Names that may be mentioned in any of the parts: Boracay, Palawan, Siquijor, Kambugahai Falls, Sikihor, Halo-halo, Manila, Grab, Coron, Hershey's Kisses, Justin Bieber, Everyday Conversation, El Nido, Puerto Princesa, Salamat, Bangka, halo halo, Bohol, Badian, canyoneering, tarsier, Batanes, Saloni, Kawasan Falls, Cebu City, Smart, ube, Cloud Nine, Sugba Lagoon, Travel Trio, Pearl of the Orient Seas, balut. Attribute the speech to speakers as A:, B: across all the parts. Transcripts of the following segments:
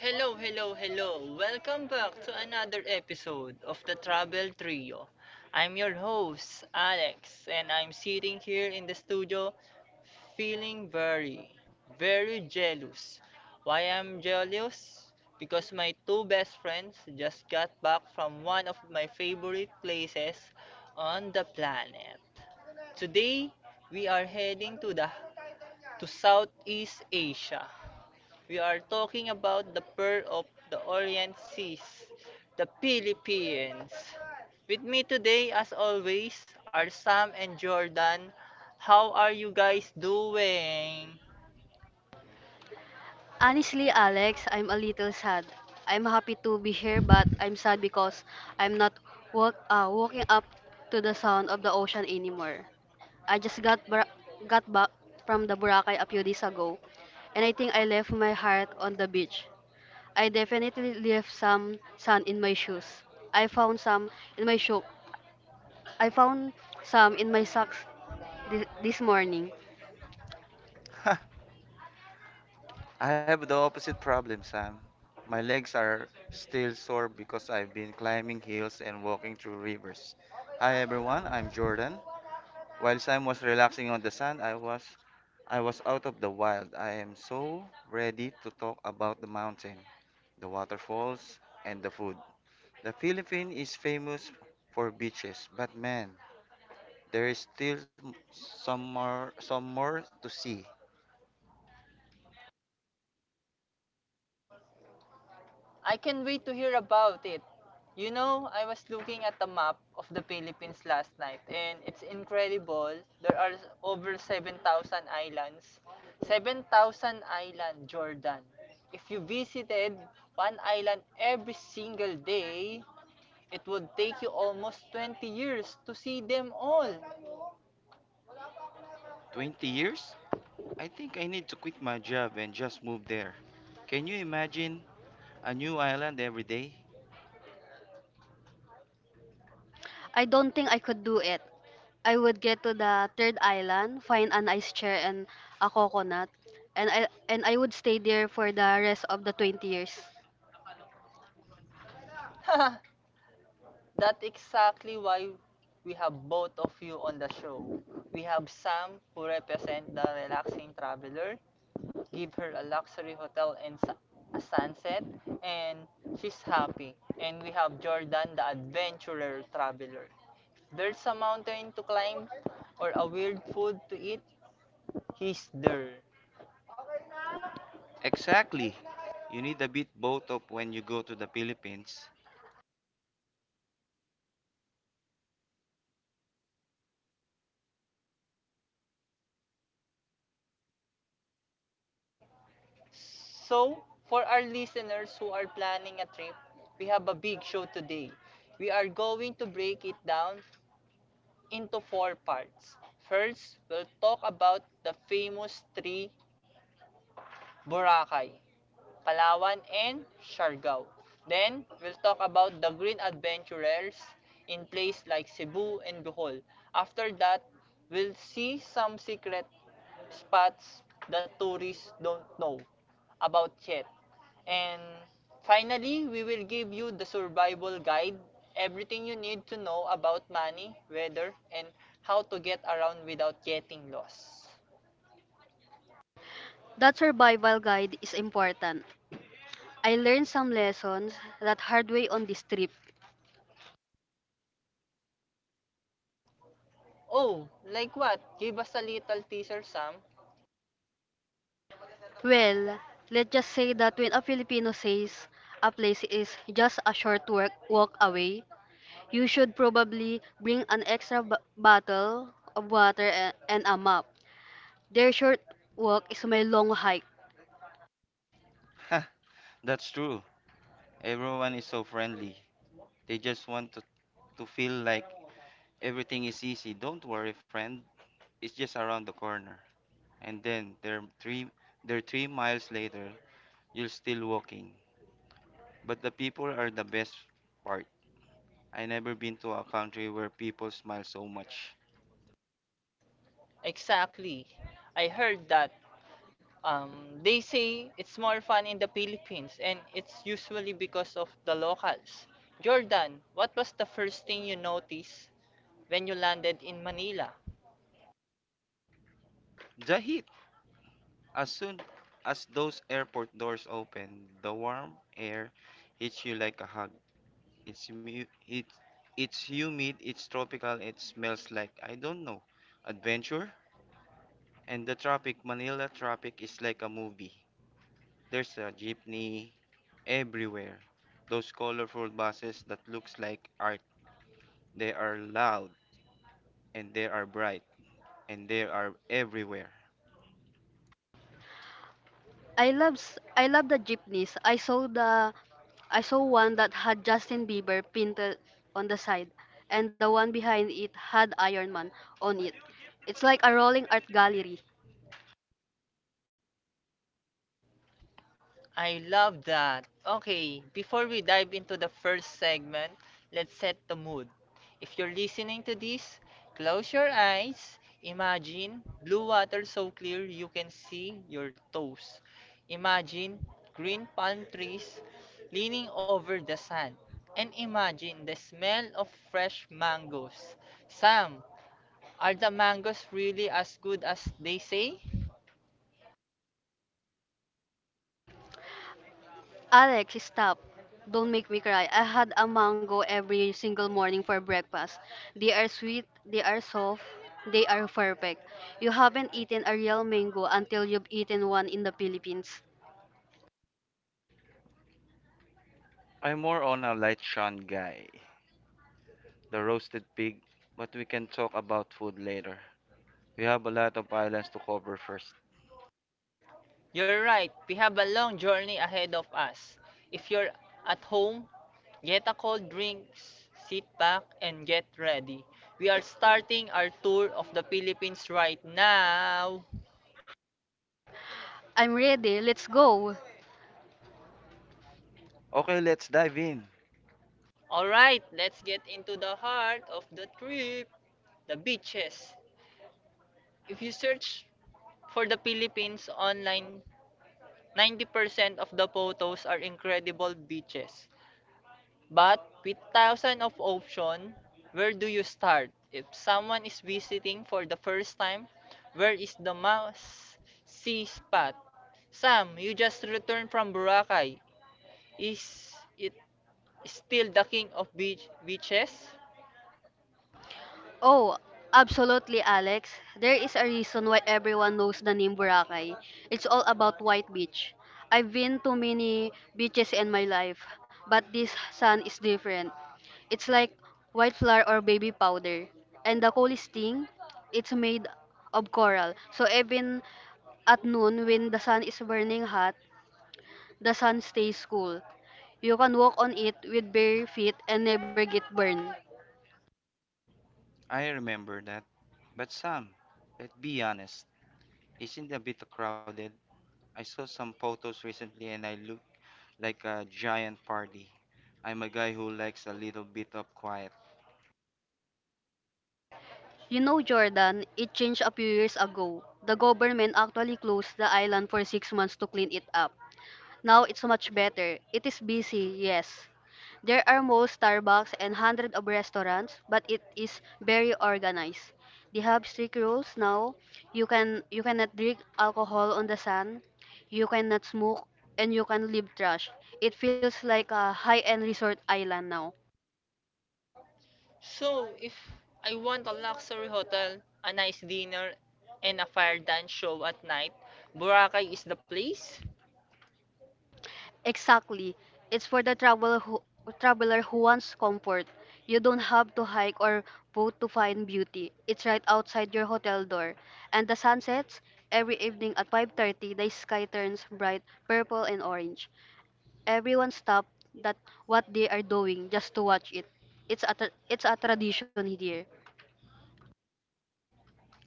A: Hello, hello, hello. Welcome back to another episode of the Travel Trio. I'm your host, Alex, and I'm sitting here in the studio feeling very, very jealous. Why I'm jealous? Because my two best friends just got back from one of my favorite places on the planet. Today, we are heading to the to Southeast Asia. We are talking about the Pearl of the Orient Seas, the Philippines. With me today, as always, are Sam and Jordan. How are you guys doing?
B: Honestly, Alex, I'm a little sad. I'm happy to be here, but I'm sad because I'm not walking up to the sound of the ocean anymore. I just got back from the Boracay a few days ago, and I think I left my heart on the beach. I definitely left some sand in my shoes. I found some in my shoe. I found some in my socks this morning.
C: I have the opposite problem, Sam. My legs are still sore because I've been climbing hills and walking through rivers. Hi everyone, I'm Jordan. While Sam was relaxing on the sand, I was out of the wild. I am so ready to talk about the mountain, the waterfalls, and the food. The Philippines is famous for beaches, but man, there is still some more to see.
A: I can't wait to hear about it. You know, I was looking at the map of the Philippines last night and it's incredible. There are over 7,000 islands. 7,000 island, Jordan. If you visited one island every single day, it would take you almost 20 years to see them all.
C: 20 years? I think I need to quit my job and just move there. Can you imagine a new island every day?
B: I don't think I could do it. I would get to the third island, find an ice chair and a coconut, and I would stay there for the rest of the 20 years.
A: That's exactly why we have both of you on the show. We have Sam, who represent the relaxing traveler, give her a luxury hotel and a sunset, and she's happy. And we have Jordan, the adventurer traveler. There's a mountain to climb or a weird food to eat, he's there.
C: Exactly. You need a bit both of when you go to the Philippines.
A: So for our listeners who are planning a trip, we have a big show today. We are going to break it down into four parts. First, we'll talk about the famous tree, Boracay, Palawan, and Siargao. Then, we'll talk about the green adventurers in places like Cebu and Bohol. After that, we'll see some secret spots that tourists don't know about yet. And finally, we will give you the survival guide, everything you need to know about money, weather, and how to get around without getting lost.
B: That survival guide is important. I learned some lessons that hard way on this trip.
A: Oh, like what? Give us a little teaser, Sam.
B: Well, let's just say that when a Filipino says a place is just a short walk away, you should probably bring an extra bottle of water and a map. Their short walk is my long hike.
C: That's true. Everyone is so friendly. They just want to feel like everything is easy. Don't worry, friend. It's just around the corner. And then they're three miles later, you're still walking. But the people are the best part. I never been to a country where people smile so much.
A: Exactly. I heard that um, they say it's more fun in the Philippines and it's usually because of the locals. Jordan, what was the first thing you noticed when you landed in Manila?
C: The heat. As soon as those airport doors open, the warm air hits you like a hug. It's mu- it, it's humid, it's tropical, it smells like I don't know, adventure. And the traffic, Manila traffic is like a movie. There's a jeepney everywhere. Those colorful buses that looks like art. They are loud and they are bright and they are everywhere.
B: I love the jeepneys. I saw one that had Justin Bieber painted on the side, and the one behind it had Iron Man on it. It's like a rolling art gallery.
A: I love that. Okay, before we dive into the first segment, let's set the mood. If you're listening to this, close your eyes. Imagine blue water so clear you can see your toes. Imagine green palm trees leaning over the sand. And imagine the smell of fresh mangoes. Sam, are the mangoes really as good as they say?
B: Alex, stop. Don't make me cry. I had a mango every single morning for breakfast. They are sweet, they are soft, they are perfect. You haven't eaten a real mango until you've eaten one in the Philippines.
C: I'm more on a light shone guy. The roasted pig, but we can talk about food later. We have a lot of islands to cover first.
A: You're right. We have a long journey ahead of us. If you're at home, get a cold drink, sit back, and get ready. We are starting our tour of the Philippines right now.
B: I'm ready. Let's go.
C: Okay, let's dive in.
A: Alright, let's get into the heart of the trip, the beaches. If you search for the Philippines online, 90% of the photos are incredible beaches. But with thousands of options, where do you start? If someone is visiting for the first time, where is the must see spot? Sam, you just returned from Boracay. Is it still the king of beaches?
B: Oh, absolutely, Alex. There is a reason why everyone knows the name Boracay. It's all about white beach. I've been to many beaches in my life, but this sand is different. It's like white flour or baby powder. And the coolest thing, it's made of coral. So even at noon when the sun is burning hot, the sun stays cool. You can walk on it with bare feet and never get burned.
C: I remember that. But Sam, let's be honest, isn't it a bit crowded? I saw some photos recently and I look like a giant party. I'm a guy who likes a little bit of quiet.
B: You know, Jordan, it changed a few years ago. The government actually closed the island for 6 months to clean it up. Now it's much better. It is busy, yes. There are more Starbucks and hundreds of restaurants, but it is very organized. They have strict rules now. You cannot drink alcohol on the sand, you cannot smoke, and you can leave trash. It feels like a high-end resort island now.
A: So, if I want a luxury hotel, a nice dinner, and a fire dance show at night, Boracay is the place?
B: Exactly. It's for the traveler who wants comfort. You don't have to hike or boat to find beauty. It's right outside your hotel door. And the sun sets every evening at 5:30. The sky turns bright purple and orange. Everyone stops that what they are doing just to watch it. It's a tradition here.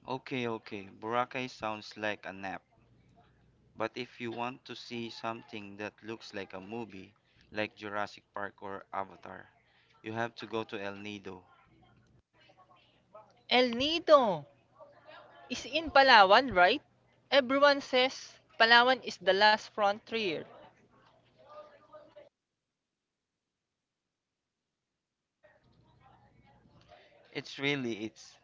C: Okay, okay, Boracay sounds like a nap. But if you want to see something that looks like a movie, like Jurassic Park or Avatar, you have to go to El Nido.
A: El Nido is in Palawan, right? Everyone says Palawan is the last frontier.
C: It's really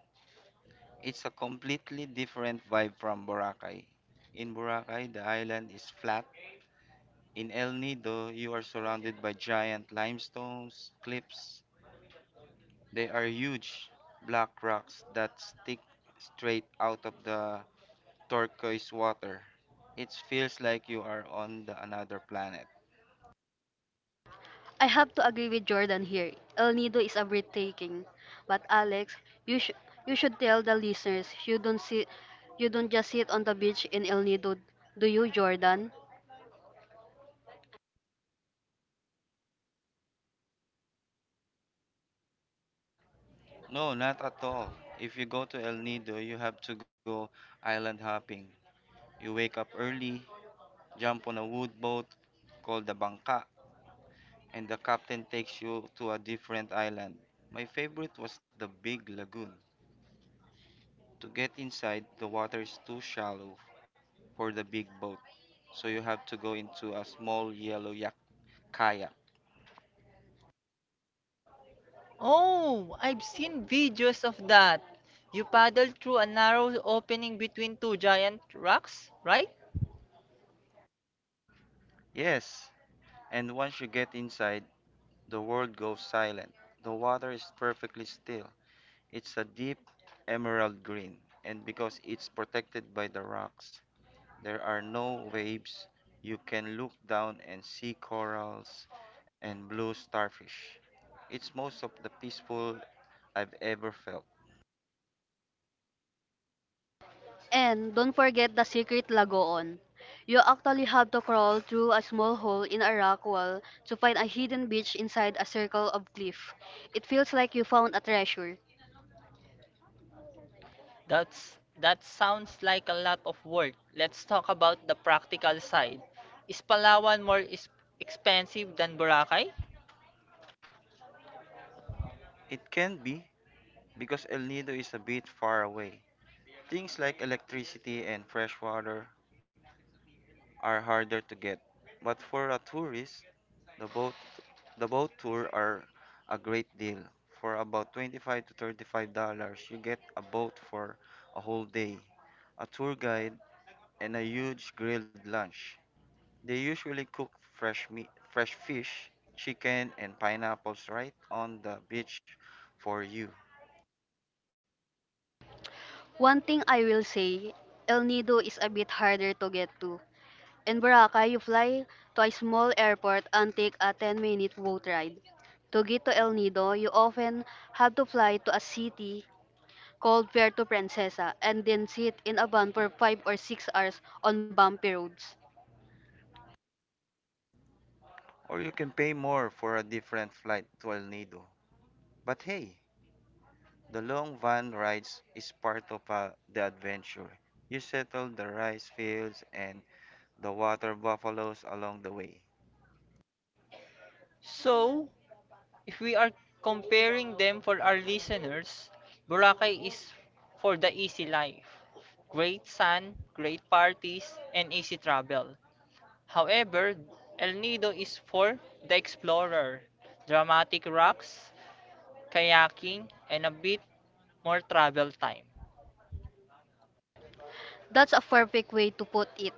C: it's a completely different vibe from Boracay. In Boracay, the island is flat. In El Nido, you are surrounded by giant limestones, cliffs. They are huge black rocks that stick straight out of the turquoise water. It feels like you are on the another planet.
B: I have to agree with Jordan here. El Nido is a breathtaking. But Alex, you should you should tell the listeners you don't just sit on the beach in El Nido, do you, Jordan?
C: No, not at all. If you go to El Nido, you have to go island hopping. You wake up early, jump on a wood boat called the Bangka, and the captain takes you to a different island. My favorite was the Big Lagoon. To get inside, the water is too shallow for the big boat, so you have to go into a small yellow yak kayak.
A: Oh, I've seen videos of that. You paddle through a narrow opening between two giant rocks, right?
C: Yes, and once you get inside, the world goes silent. The water is perfectly still. It's a deep emerald green, and because it's protected by the rocks, there are no waves. You can look down and see corals and blue starfish. It's most of the peaceful I've ever felt.
B: And don't forget the secret lagoon. You actually have to crawl through a small hole in a rock wall to find a hidden beach inside a circle of cliff. It feels like you found a treasure.
A: That sounds like a lot of work. Let's talk about the practical side. Is Palawan more expensive than Boracay?
C: It can be because El Nido is a bit far away. Things like electricity and fresh water are harder to get. But for a tourist, the boat the boat tour are a great deal. For about 25 to $35, you get a boat for a whole day, a tour guide, and a huge grilled lunch. They usually cook fresh meat, fresh fish, chicken, and pineapples right on the beach for you.
B: One thing I will say, El Nido is a bit harder to get to. In Boracay, you fly to a small airport and take a 10-minute boat ride. To get to El Nido, you often have to fly to a city called Puerto Princesa and then sit in a van for 5 or 6 hours on bumpy roads.
C: Or you can pay more for a different flight to El Nido. But hey, the long van rides is part of the adventure. You settle the rice fields and the water buffaloes along the way.
A: So, if we are comparing them for our listeners, Boracay is for the easy life. Great sun, great parties, and easy travel. However, El Nido is for the explorer. Dramatic rocks, kayaking, and a bit more travel time.
B: That's a perfect way to put it.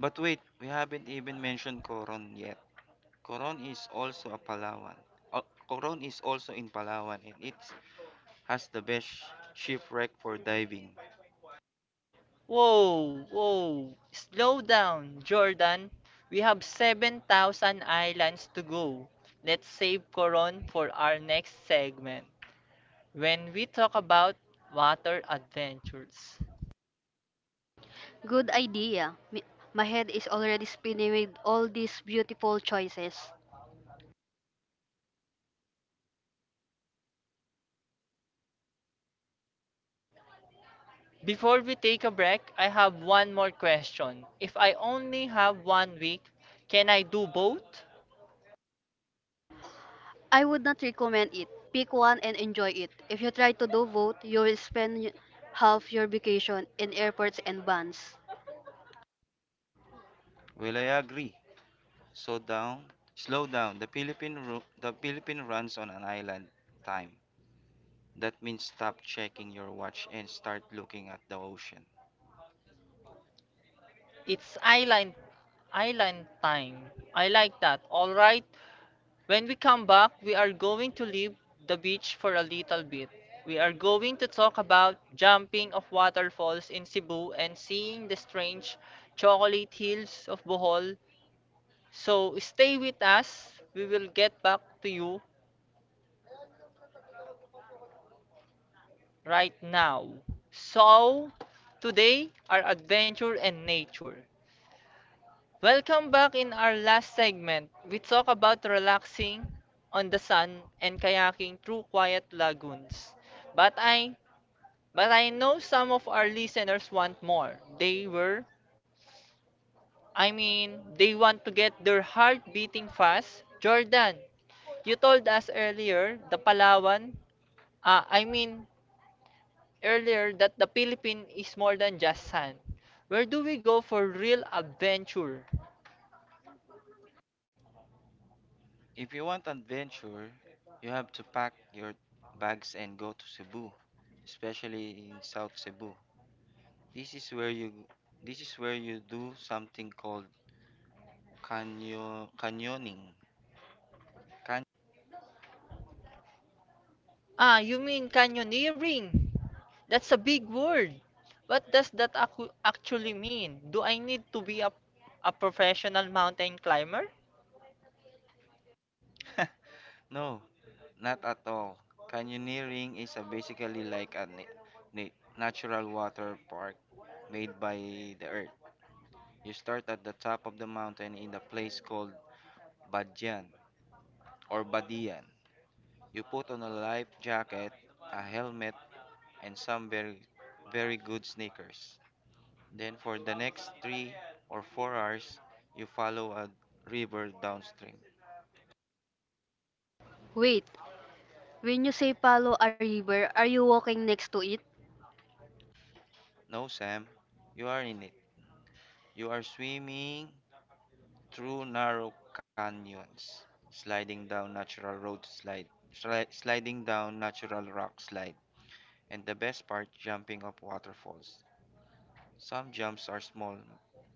C: But wait, we haven't even mentioned Coron yet. Coron is also a Palawan. Uh, Coron is also in Palawan and it's has the best shipwreck for diving.
A: Whoa, whoa, slow down, Jordan. We have seven thousand islands to go. Let's save Coron for our next segment, when we talk about water adventures.
B: Good idea. My head is already spinning with all these beautiful choices.
A: Before we take a break, I have one more question. If I only have one week, can I do both?
B: I would not recommend it. Pick one and enjoy it. If you try to do both, you will spend half your vacation in airports and vans.
C: Well, I agree. So down, slow down. The Philippine runs on an island time. That means stop checking your watch and start looking at the ocean.
A: It's island island time. I like that. All right. When we come back, we are going to leave the beach for a little bit. We are going to talk about jumping of waterfalls in Cebu and seeing the strange chocolate hills of Bohol. So stay with us. We will get back to you right now. So today, our adventure and nature. Welcome back. In our last segment, we talk about relaxing on the sun and kayaking through quiet lagoons. But I but I know some of our listeners want more. They were I mean, They want to get their heart beating fast. Jordan, you told us earlier the Palawan, ah, I mean earlier that the Philippines is more than just sand. Where do we go for real adventure?
C: If you want adventure, you have to pack your bags and go to Cebu, especially in South Cebu. This is where you this is where you do something called canyoning. Can
A: Ah, you mean canyoneering? That's a big word. What does that actually mean? Do I need to be a professional mountain climber?
C: No, not at all. Canyoneering is a basically like a natural water park made by the earth. You start at the top of the mountain in a place called Badyan or Badian. You put on a life jacket, a helmet, and some very, very good sneakers. Then for the next 3 or 4 hours, you follow a river downstream.
B: Wait, when you say follow a river, are you walking next to it?
C: No, Sam, you are in it. You are swimming through narrow canyons, sliding down natural road slide, sliding down natural rock slide, and the best part, jumping up waterfalls. Some jumps are small,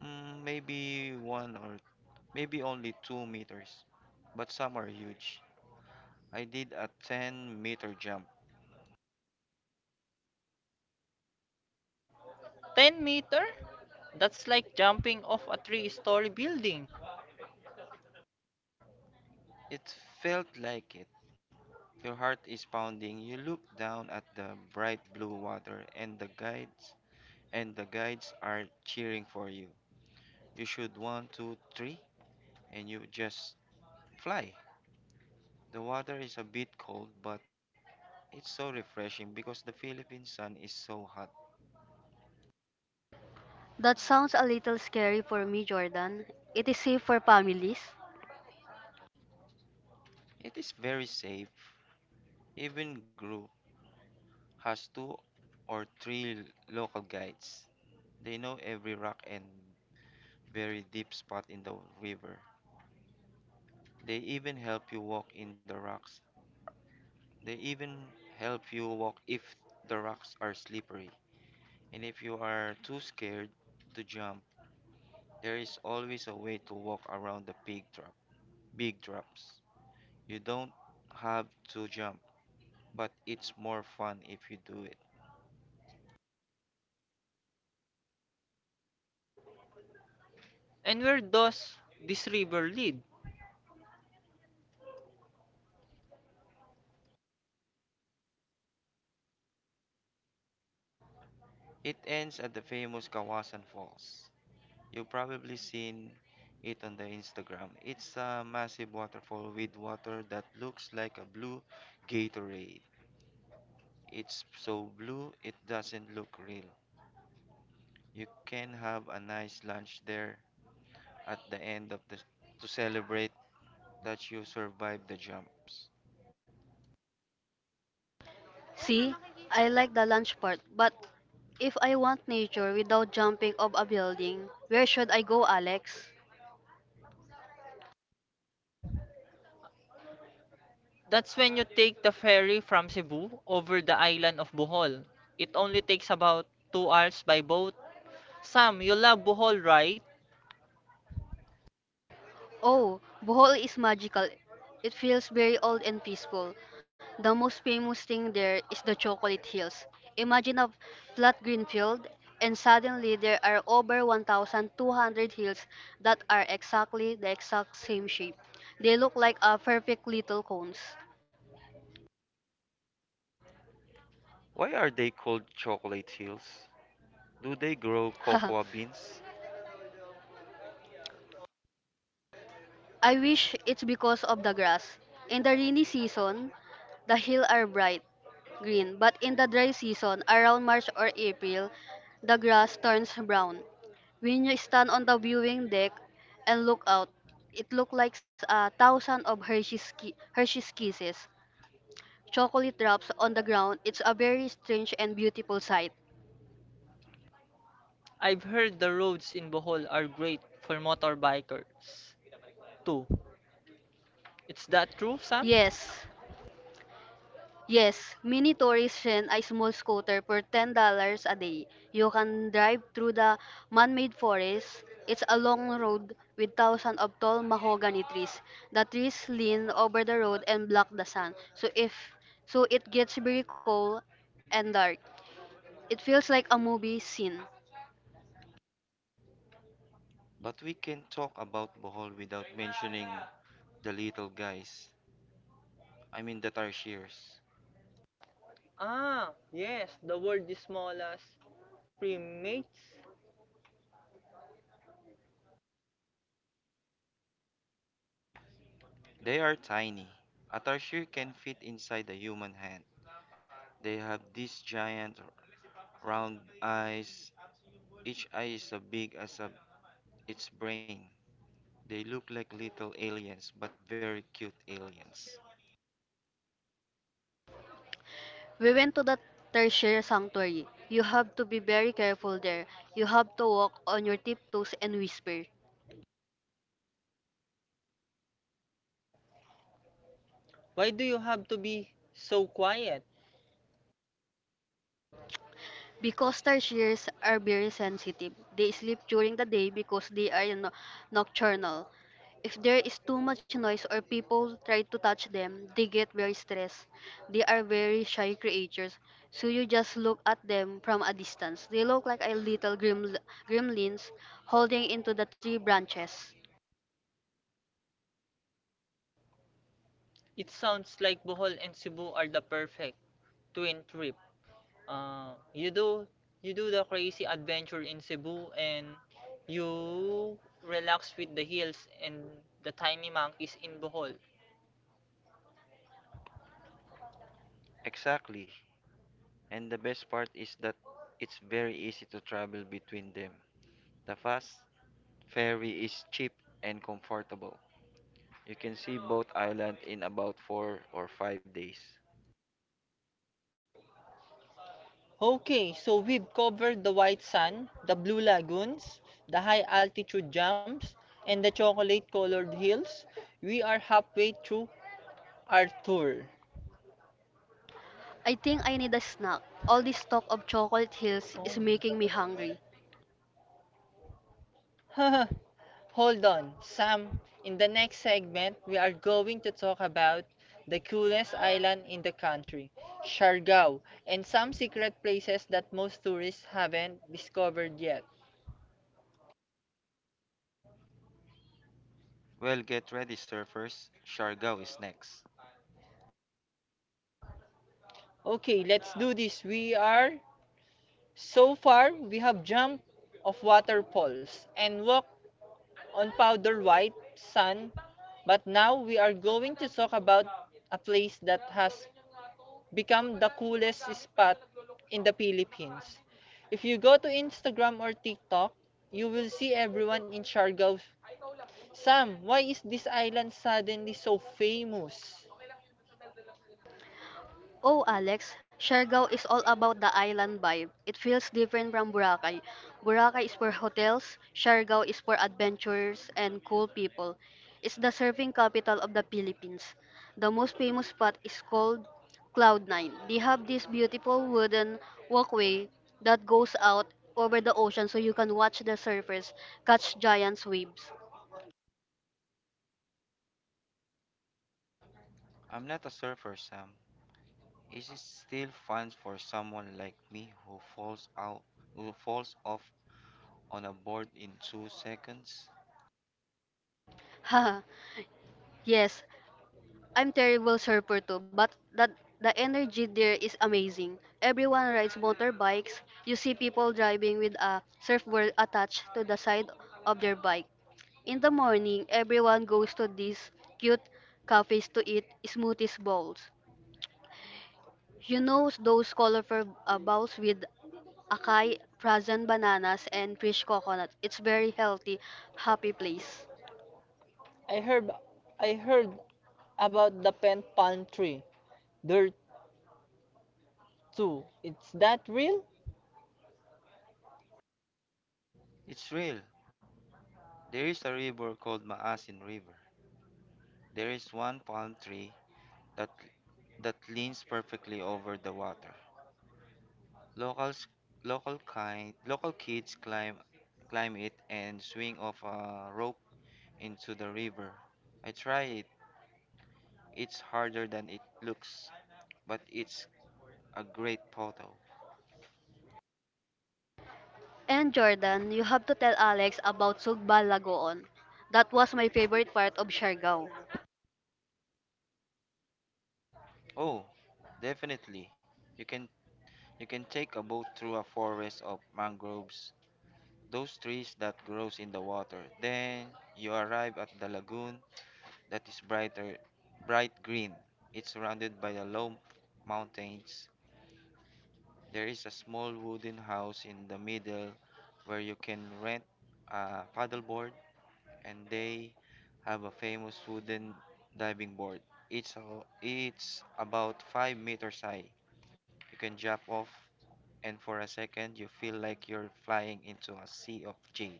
C: maybe one or maybe only 2 meters, but some are huge. I did a 10-meter jump.
A: Ten meter? That's like jumping off a three story building.
C: It felt like it. Your heart is pounding. You look down at the bright blue water and the guides are cheering for you. You should one, two, three, and you just fly. The water is a bit cold, but it's so refreshing because the Philippine sun is so hot.
B: That sounds a little scary for me, Jordan. It is safe for families.
C: It is very safe. Even Gru has two or three local guides. They know every rock and very deep spot in the river. They even help you walk in the rocks. They even help you walk if the rocks are slippery. And if you are too scared to jump, there is always a way to walk around big drops. You don't have to jump, but it's more fun if you do it.
A: And where does this river lead?
C: It ends at the famous Kawasan Falls. You've probably seen it on the Instagram. It's a massive waterfall with water that looks like a blue Gatorade. It's so blue it doesn't look real. You can have a nice lunch there at the end of the to celebrate that you survived the jumps.
B: See, I like the lunch part, but if I want nature without jumping off a building, where should I go, Alex?
A: That's when you take the ferry from Cebu over the island of Bohol. It only takes about two hours by boat. Sam, you love Bohol, right?
B: Oh, Bohol is magical. It feels very old and peaceful. The most famous thing there is the chocolate hills. Imagine a flat green field, and suddenly there are over 1,200 hills that are the exact same shape. They look like a perfect little cones.
C: Why are they called chocolate hills? Do they grow cocoa beans?
B: I wish it's because of the grass. In the rainy season, the hills are bright green, but in the dry season, around March or April, the grass turns brown. When you stand on the viewing deck and look out, it looks like a thousand of Hershey's Kisses, chocolate drops on the ground. It's a very strange and beautiful sight.
A: I've heard the roads in Bohol are great for motorbikers too. Is that true, Sam?
B: Yes. Yes, many tourists rent a small scooter for $10 a day. You can drive through the man-made forest. It's a long road with thousands of tall mahogany trees. The trees lean over the road and block the sun. So if so it gets very cold and dark. It feels like a movie scene.
C: But we can talk about Bohol without mentioning the little guys. I mean the tarsiers.
A: Ah, yes, the world is small as primates.
C: They are tiny. A tarsier can fit inside a human hand. They have these giant round eyes. Each eye is as big as a, its brain. They look like little aliens, but very cute aliens.
B: We went to the tertiary sanctuary. You have to be very careful there. You have to walk on your tiptoes and whisper.
A: Why do you have to be so quiet?
B: Because tarsiers are very sensitive, they sleep during the day because they are nocturnal. If there is too much noise or people try to touch them, they get very stressed. They are very shy creatures, so you just look at them from a distance. They look like a little gremlins holding into the tree branches.
A: It sounds like Bohol and Cebu are the perfect twin trip. Uh, you do you do the crazy adventure in Cebu, and you relax with the hills and the tiny monkeys in Bohol.
C: Exactly. And the best part is that it's very easy to travel between them. The fast ferry is cheap and comfortable. You can see both islands in about 4 or 5 days.
A: Okay, so we've covered the white sand, the blue lagoons, the high altitude jumps, and the chocolate colored hills. We are halfway through our tour.
B: I think I need a snack. All this talk of chocolate hills is
A: Oh.
B: making me hungry.
A: Hold on, Sam. In the next segment, we are going to talk about the coolest island in the country, Siargao, and some secret places that most tourists haven't discovered yet.
C: Well, get ready, surfers. Siargao is next.
A: Okay, let's do this. We are So far, we have jumped off waterfalls and walked on powder white sand, but now we are going to talk about a place that has become the coolest spot in the Philippines. If you go to Instagram or TikTok, you will see everyone in Siargao. Sam, why is this island suddenly so famous?
B: Oh, Alex, Siargao is all about the island vibe. It feels different from Boracay. Boracay is for hotels, Siargao is for adventures and cool people. It's the surfing capital of the Philippines. The most famous spot is called Cloud Nine. They have this beautiful wooden walkway that goes out over the ocean so you can watch the surfers catch giant waves.
C: I'm not a surfer, Sam. Is it still fun for someone like me who falls out, who falls off on a board in 2 seconds?
B: Haha, yes, I'm terrible surfer too, but that the energy there is amazing. Everyone rides motorbikes. You see people driving with a surfboard attached to the side of their bike. In the morning, everyone goes to these cute cafes to eat smoothies bowls. You know those colorful bowls with acai, frozen bananas, and fresh coconut. It's very healthy, happy place.
A: I heard I heard about the pen palm tree there too. Is that real?
C: It's real. There is a river called Maasin River. There is one palm tree that that leans perfectly over the water. Locals local kind local kids climb it and swing off a rope into the river. I try it. It's harder than it looks, but it's a great photo.
B: And Jordan, you have to tell Alex about Sugba Lagoon. That was my favorite part of Siargao.
C: Oh, definitely. You can you can take a boat through a forest of mangroves, those trees that grows in the water. Then you arrive at the lagoon that is bright green. It's surrounded by the low mountains. There is a small wooden house in the middle where you can rent a paddleboard, and they have a famous wooden diving board. It's a, it's about 5 meters high. You can jump off, and for a second, you feel like you're flying into a sea of jade.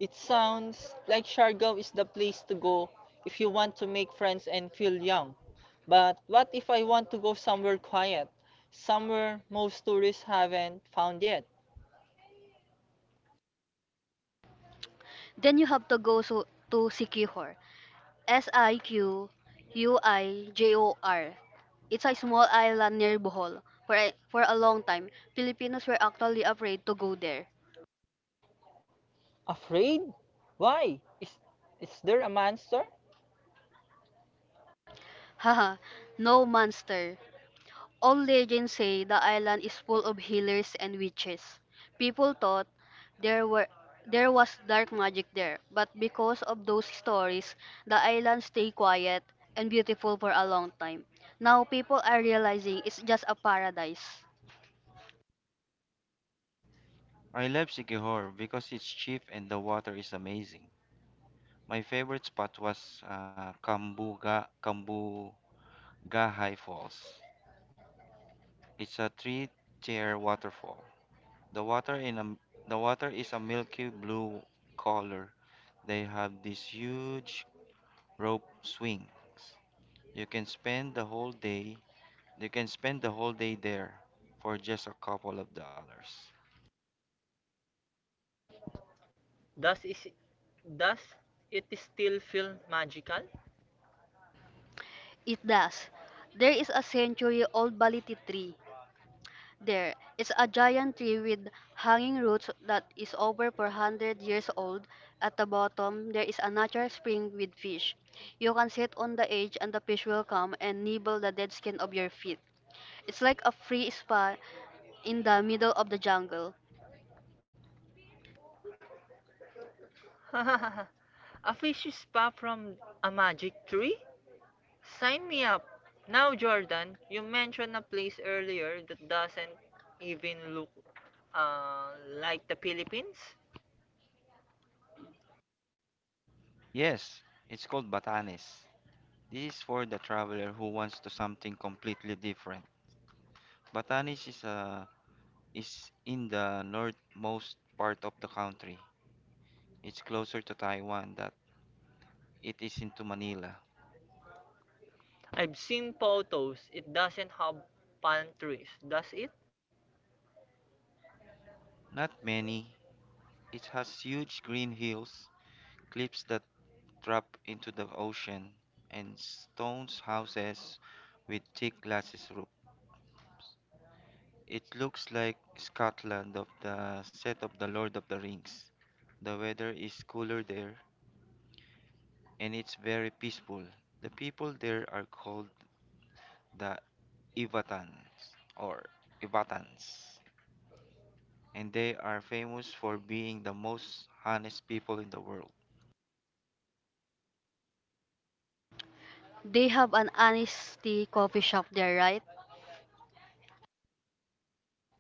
A: It sounds like Siargao is the place to go if you want to make friends and feel young. But what if I want to go somewhere quiet? Somewhere most tourists haven't found yet.
B: Then you have to to Sikihor. Siquijor. It's a small island near Bohol. For a long time, Filipinos were actually afraid to go there.
A: Afraid? Why? Is there a monster?
B: Haha, no monster. All legends say the island is full of healers and witches. People thought there were there was dark magic there, but because of those stories, the island stayed quiet and beautiful for a long time. Now people are realizing it's just a paradise.
C: I love Sikihor because it's cheap and the water is amazing. My favorite spot was Kambuga Kambugahai Falls. It's a three-tier waterfall. The water in a, the water is a milky blue color. They have these huge rope swings. You can spend the whole day. You can spend the whole day there for just a couple of dollars.
A: Does is Does it still feel magical?
B: It does. There is a century-old baliti tree. There is a giant tree with hanging roots that is over 400 years old. At the bottom, there is a natural spring with fish. You can sit on the edge and the fish will come and nibble the dead skin of your feet. It's like a free spa in the middle of the jungle.
A: A fish is far from a magic tree? Sign me up. Now, Jordan, you mentioned a place earlier that doesn't even look uh, like the Philippines.
C: Yes, it's called Batanes. This is for the traveler who wants to something completely different. Batanes is in the northmost part of the country. It's closer to Taiwan than it is into Manila.
A: I've seen photos. It doesn't have palm trees, does it?
C: Not many. It has huge green hills, cliffs that drop into the ocean, and stone houses with thick glasses roof. It looks like Scotland of the set of the Lord of the Rings. The weather is cooler there and it's very peaceful. The people there are called the Ivatans or Ivatans, and they are famous for being the most honest people in the world.
B: They have an honesty coffee shop there, right?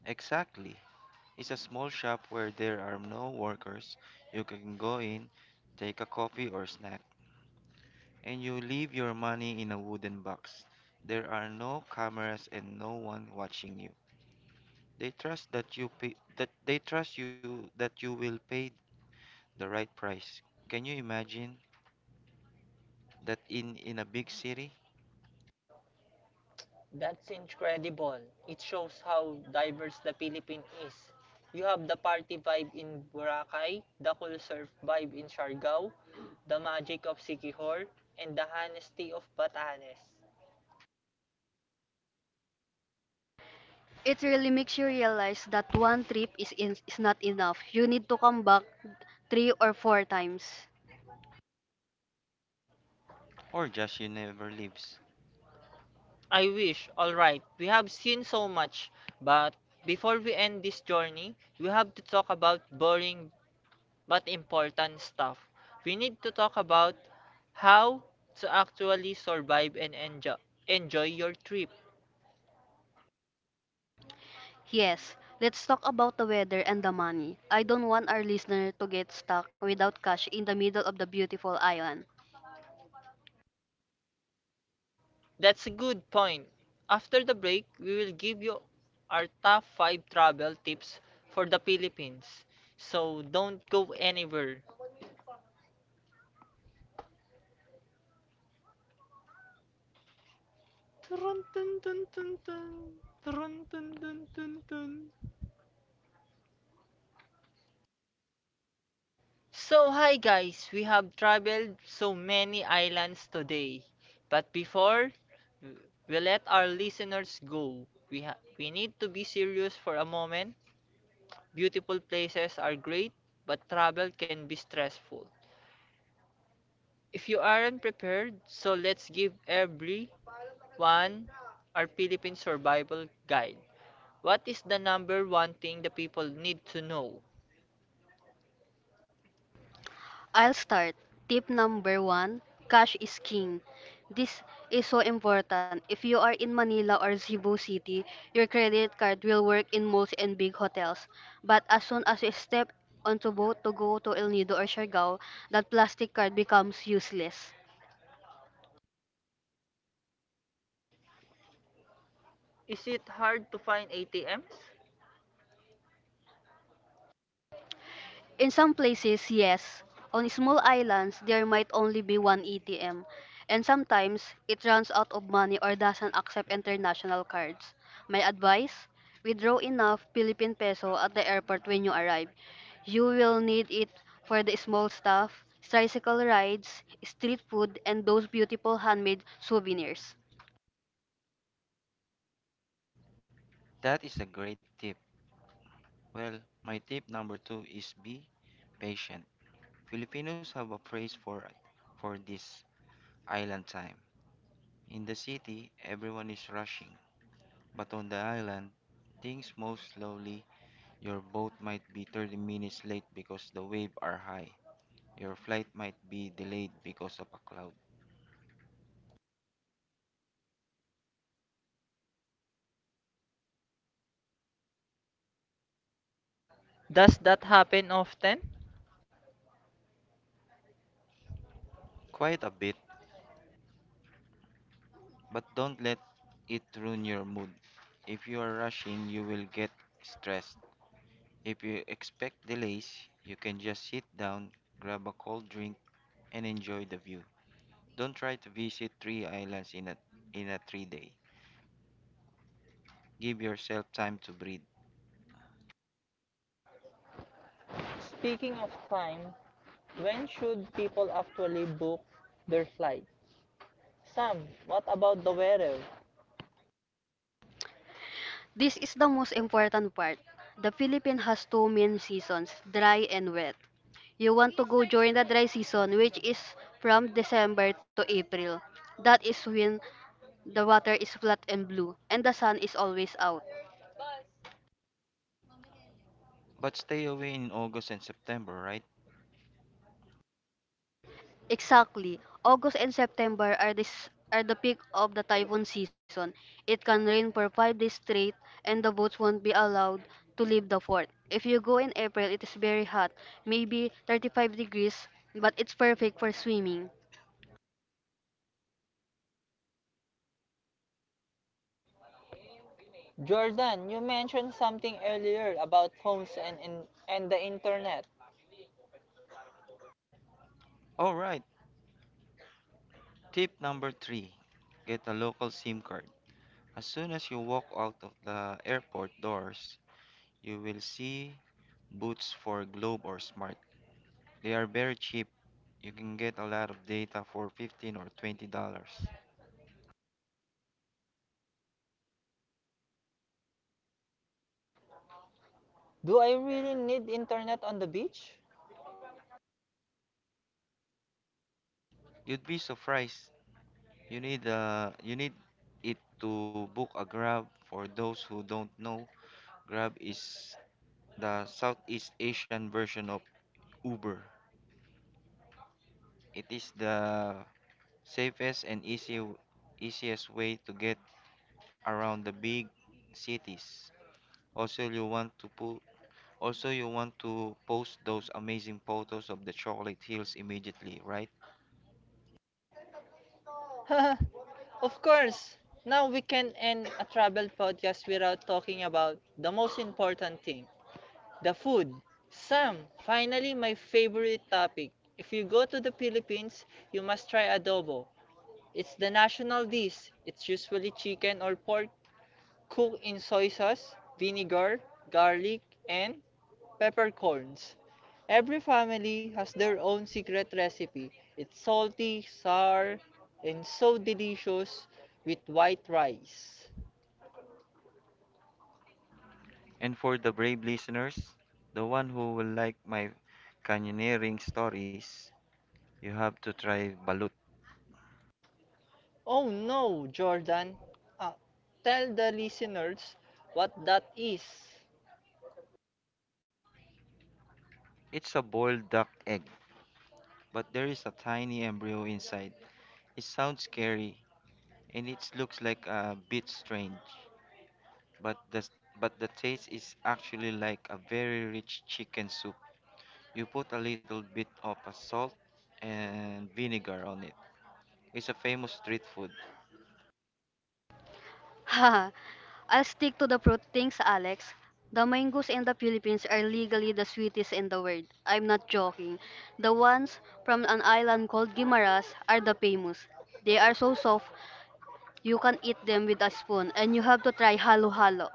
C: Exactly. It's a small shop where there are no workers. You can go in, take a coffee or snack, and you leave your money in a wooden box. There are no cameras and no one watching you. They trust that you pay, that they trust you that you will pay the right price. Can you imagine that in a big city?
A: That's incredible. It shows how diverse the Philippines is. You have the party vibe in Boracay, the cool surf vibe in Siargao, the magic of Sikihor, and the honesty of Batanes.
B: It really makes you realize that one trip is not enough. You need to come back three or four times.
C: Or just you never leaves.
A: I wish. Alright, we have seen so much, but before we end this journey, we have to talk about boring but important stuff. We need to talk about how to actually survive and enjoy your trip.
B: Yes, let's talk about the weather and the money. I don't want our listener to get stuck without cash in the middle of the beautiful island.
A: That's a good point. After the break, we will give you our top 5 travel tips for the Philippines. So don't go anywhere. Turun, tun, tun, tun, tun. Turun, tun, tun, tun, tun. So, hi guys, we have traveled so many islands today. But before we let our listeners go, we need to be serious for a moment. Beautiful places are great, but travel can be stressful. If you aren't prepared, so let's give everyone our Philippine survival guide. What is the number one thing the people need to know?
B: I'll start. Tip number one, cash is king. This is so important. If you are in Manila or Cebu City, your credit card will work in malls and big hotels. But as soon as you step onto boat to go to El Nido or Siargao, that plastic card becomes useless.
A: Is it hard to find ATMs?
B: In some places, yes. On small islands, there might only be one ATM, and sometimes it runs out of money or doesn't accept international cards. My advice? Withdraw enough Philippine peso at the airport when you arrive. You will need it for the small stuff, tricycle rides, street food, and those beautiful handmade souvenirs.
C: That is a great tip. Well, my tip number two is be patient. Filipinos have a phrase for this island time. In the city, everyone is rushing, but on the island, things move slowly. Your boat might be 30 minutes late because the waves are high. Your flight might be delayed because of a cloud.
A: Does that happen often?
C: Quite a bit, but don't let it ruin your mood. If you are rushing, you will get stressed. If you expect delays, you can just sit down, grab a cold drink, and enjoy the view. Don't try to visit three islands in a 3 day. Give yourself time to breathe.
A: Speaking of time, when should people actually book their flight? Sam, what about the weather?
B: This is the most important part. The Philippines has two main seasons, dry and wet. You want to go during the dry season, which is from December to April. That is when the water is flat and blue, and the sun is always out.
C: But stay away in August and September, right?
B: Exactly. August and September are the peak of the typhoon season. It can rain for 5 days straight and the boats won't be allowed to leave the fort. If you go in April, it is very hot, maybe 35 degrees, but it's perfect for swimming.
A: Jordan, you mentioned something earlier about phones and the internet.
C: Alright, tip number three get a local SIM card. As soon as you walk out of the airport doors, you will see booths for Globe or Smart. They are very cheap. You can get a lot of data for 15 or $20.
A: Do I really need internet on the beach?
C: You'd be surprised. You need it to book a Grab. For those who don't know, Grab is the Southeast Asian version of Uber. It is the safest and easy easiest way to get around the big cities. Also you want to po- also you want to post those amazing photos of the chocolate hills immediately, right?
A: Of course. Now we can end a travel podcast without talking about the most important thing, the food. Sam, finally, my favorite topic. If you go to the Philippines, you must try adobo. It's the national dish. It's usually chicken or pork cooked in soy sauce, vinegar, garlic, and peppercorns. Every family has their own secret recipe. It's salty, sour, and so delicious with white rice.
C: And for the brave listeners, the one who will like my canyoneering stories, you have to try balut.
A: Oh no, Jordan. Ah, tell the listeners what that is.
C: It's a boiled duck egg, but there is a tiny embryo inside. It sounds scary and it looks like a bit strange, but the taste is actually like a very rich chicken soup. You put a little bit of a salt and vinegar on it. It's a famous street food.
B: Haha. I'll stick to the fruit things, Alex. The mangoes in the Philippines are legally the sweetest in the world. I'm not joking. The ones from an island called Guimaras are the famous. They are so soft you can eat them with a spoon, and you have to try halo halo.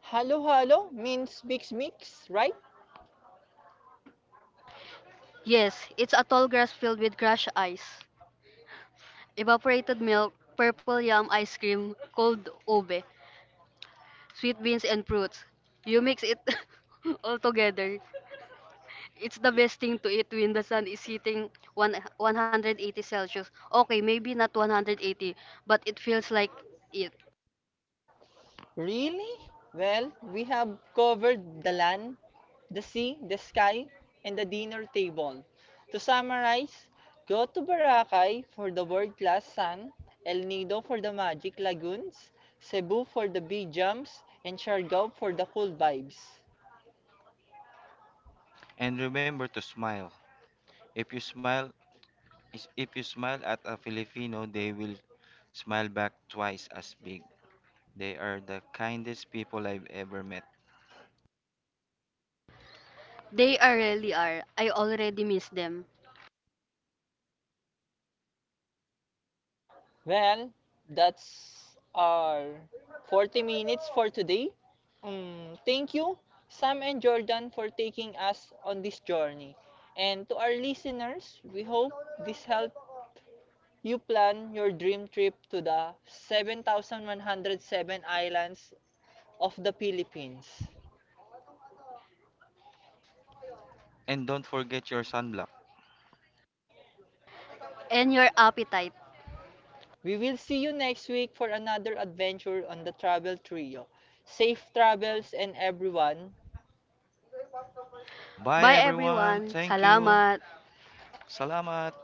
A: Halo-halo means mix mix, right?
B: Yes, it's a tall grass filled with crushed ice, evaporated milk, purple yam ice cream, cold ube, sweet beans, and fruits. You mix it all together. It's the best thing to eat when the sun is hitting 180 Celsius. Okay, maybe not 180, but it feels like it.
A: Really? Well, we have covered the land, the sea, the sky, and the dinner table. To summarize, go to Boracay for the world-class sun, El Nido for the magic lagoons, Cebu for the bee jumps, and Siargao for the cool vibes.
C: And remember to smile. If you smile, If you smile at a Filipino, they will smile back twice as big. They are the kindest people I've ever met.
B: They are really are. I already miss them.
A: Well, that's our 40 minutes for today. Thank you, Sam and Jordan, for taking us on this journey. And to our listeners, we hope this helped you plan your dream trip to the 7,107 islands of the Philippines.
C: And don't forget your sunblock.
B: And your appetite.
A: We will see you next week for another adventure on the Travel Trio. Safe travels and everyone,
C: Bye
B: Bye
C: everyone.
B: everyone.
C: Thank you.
B: Salamat.
C: Salamat.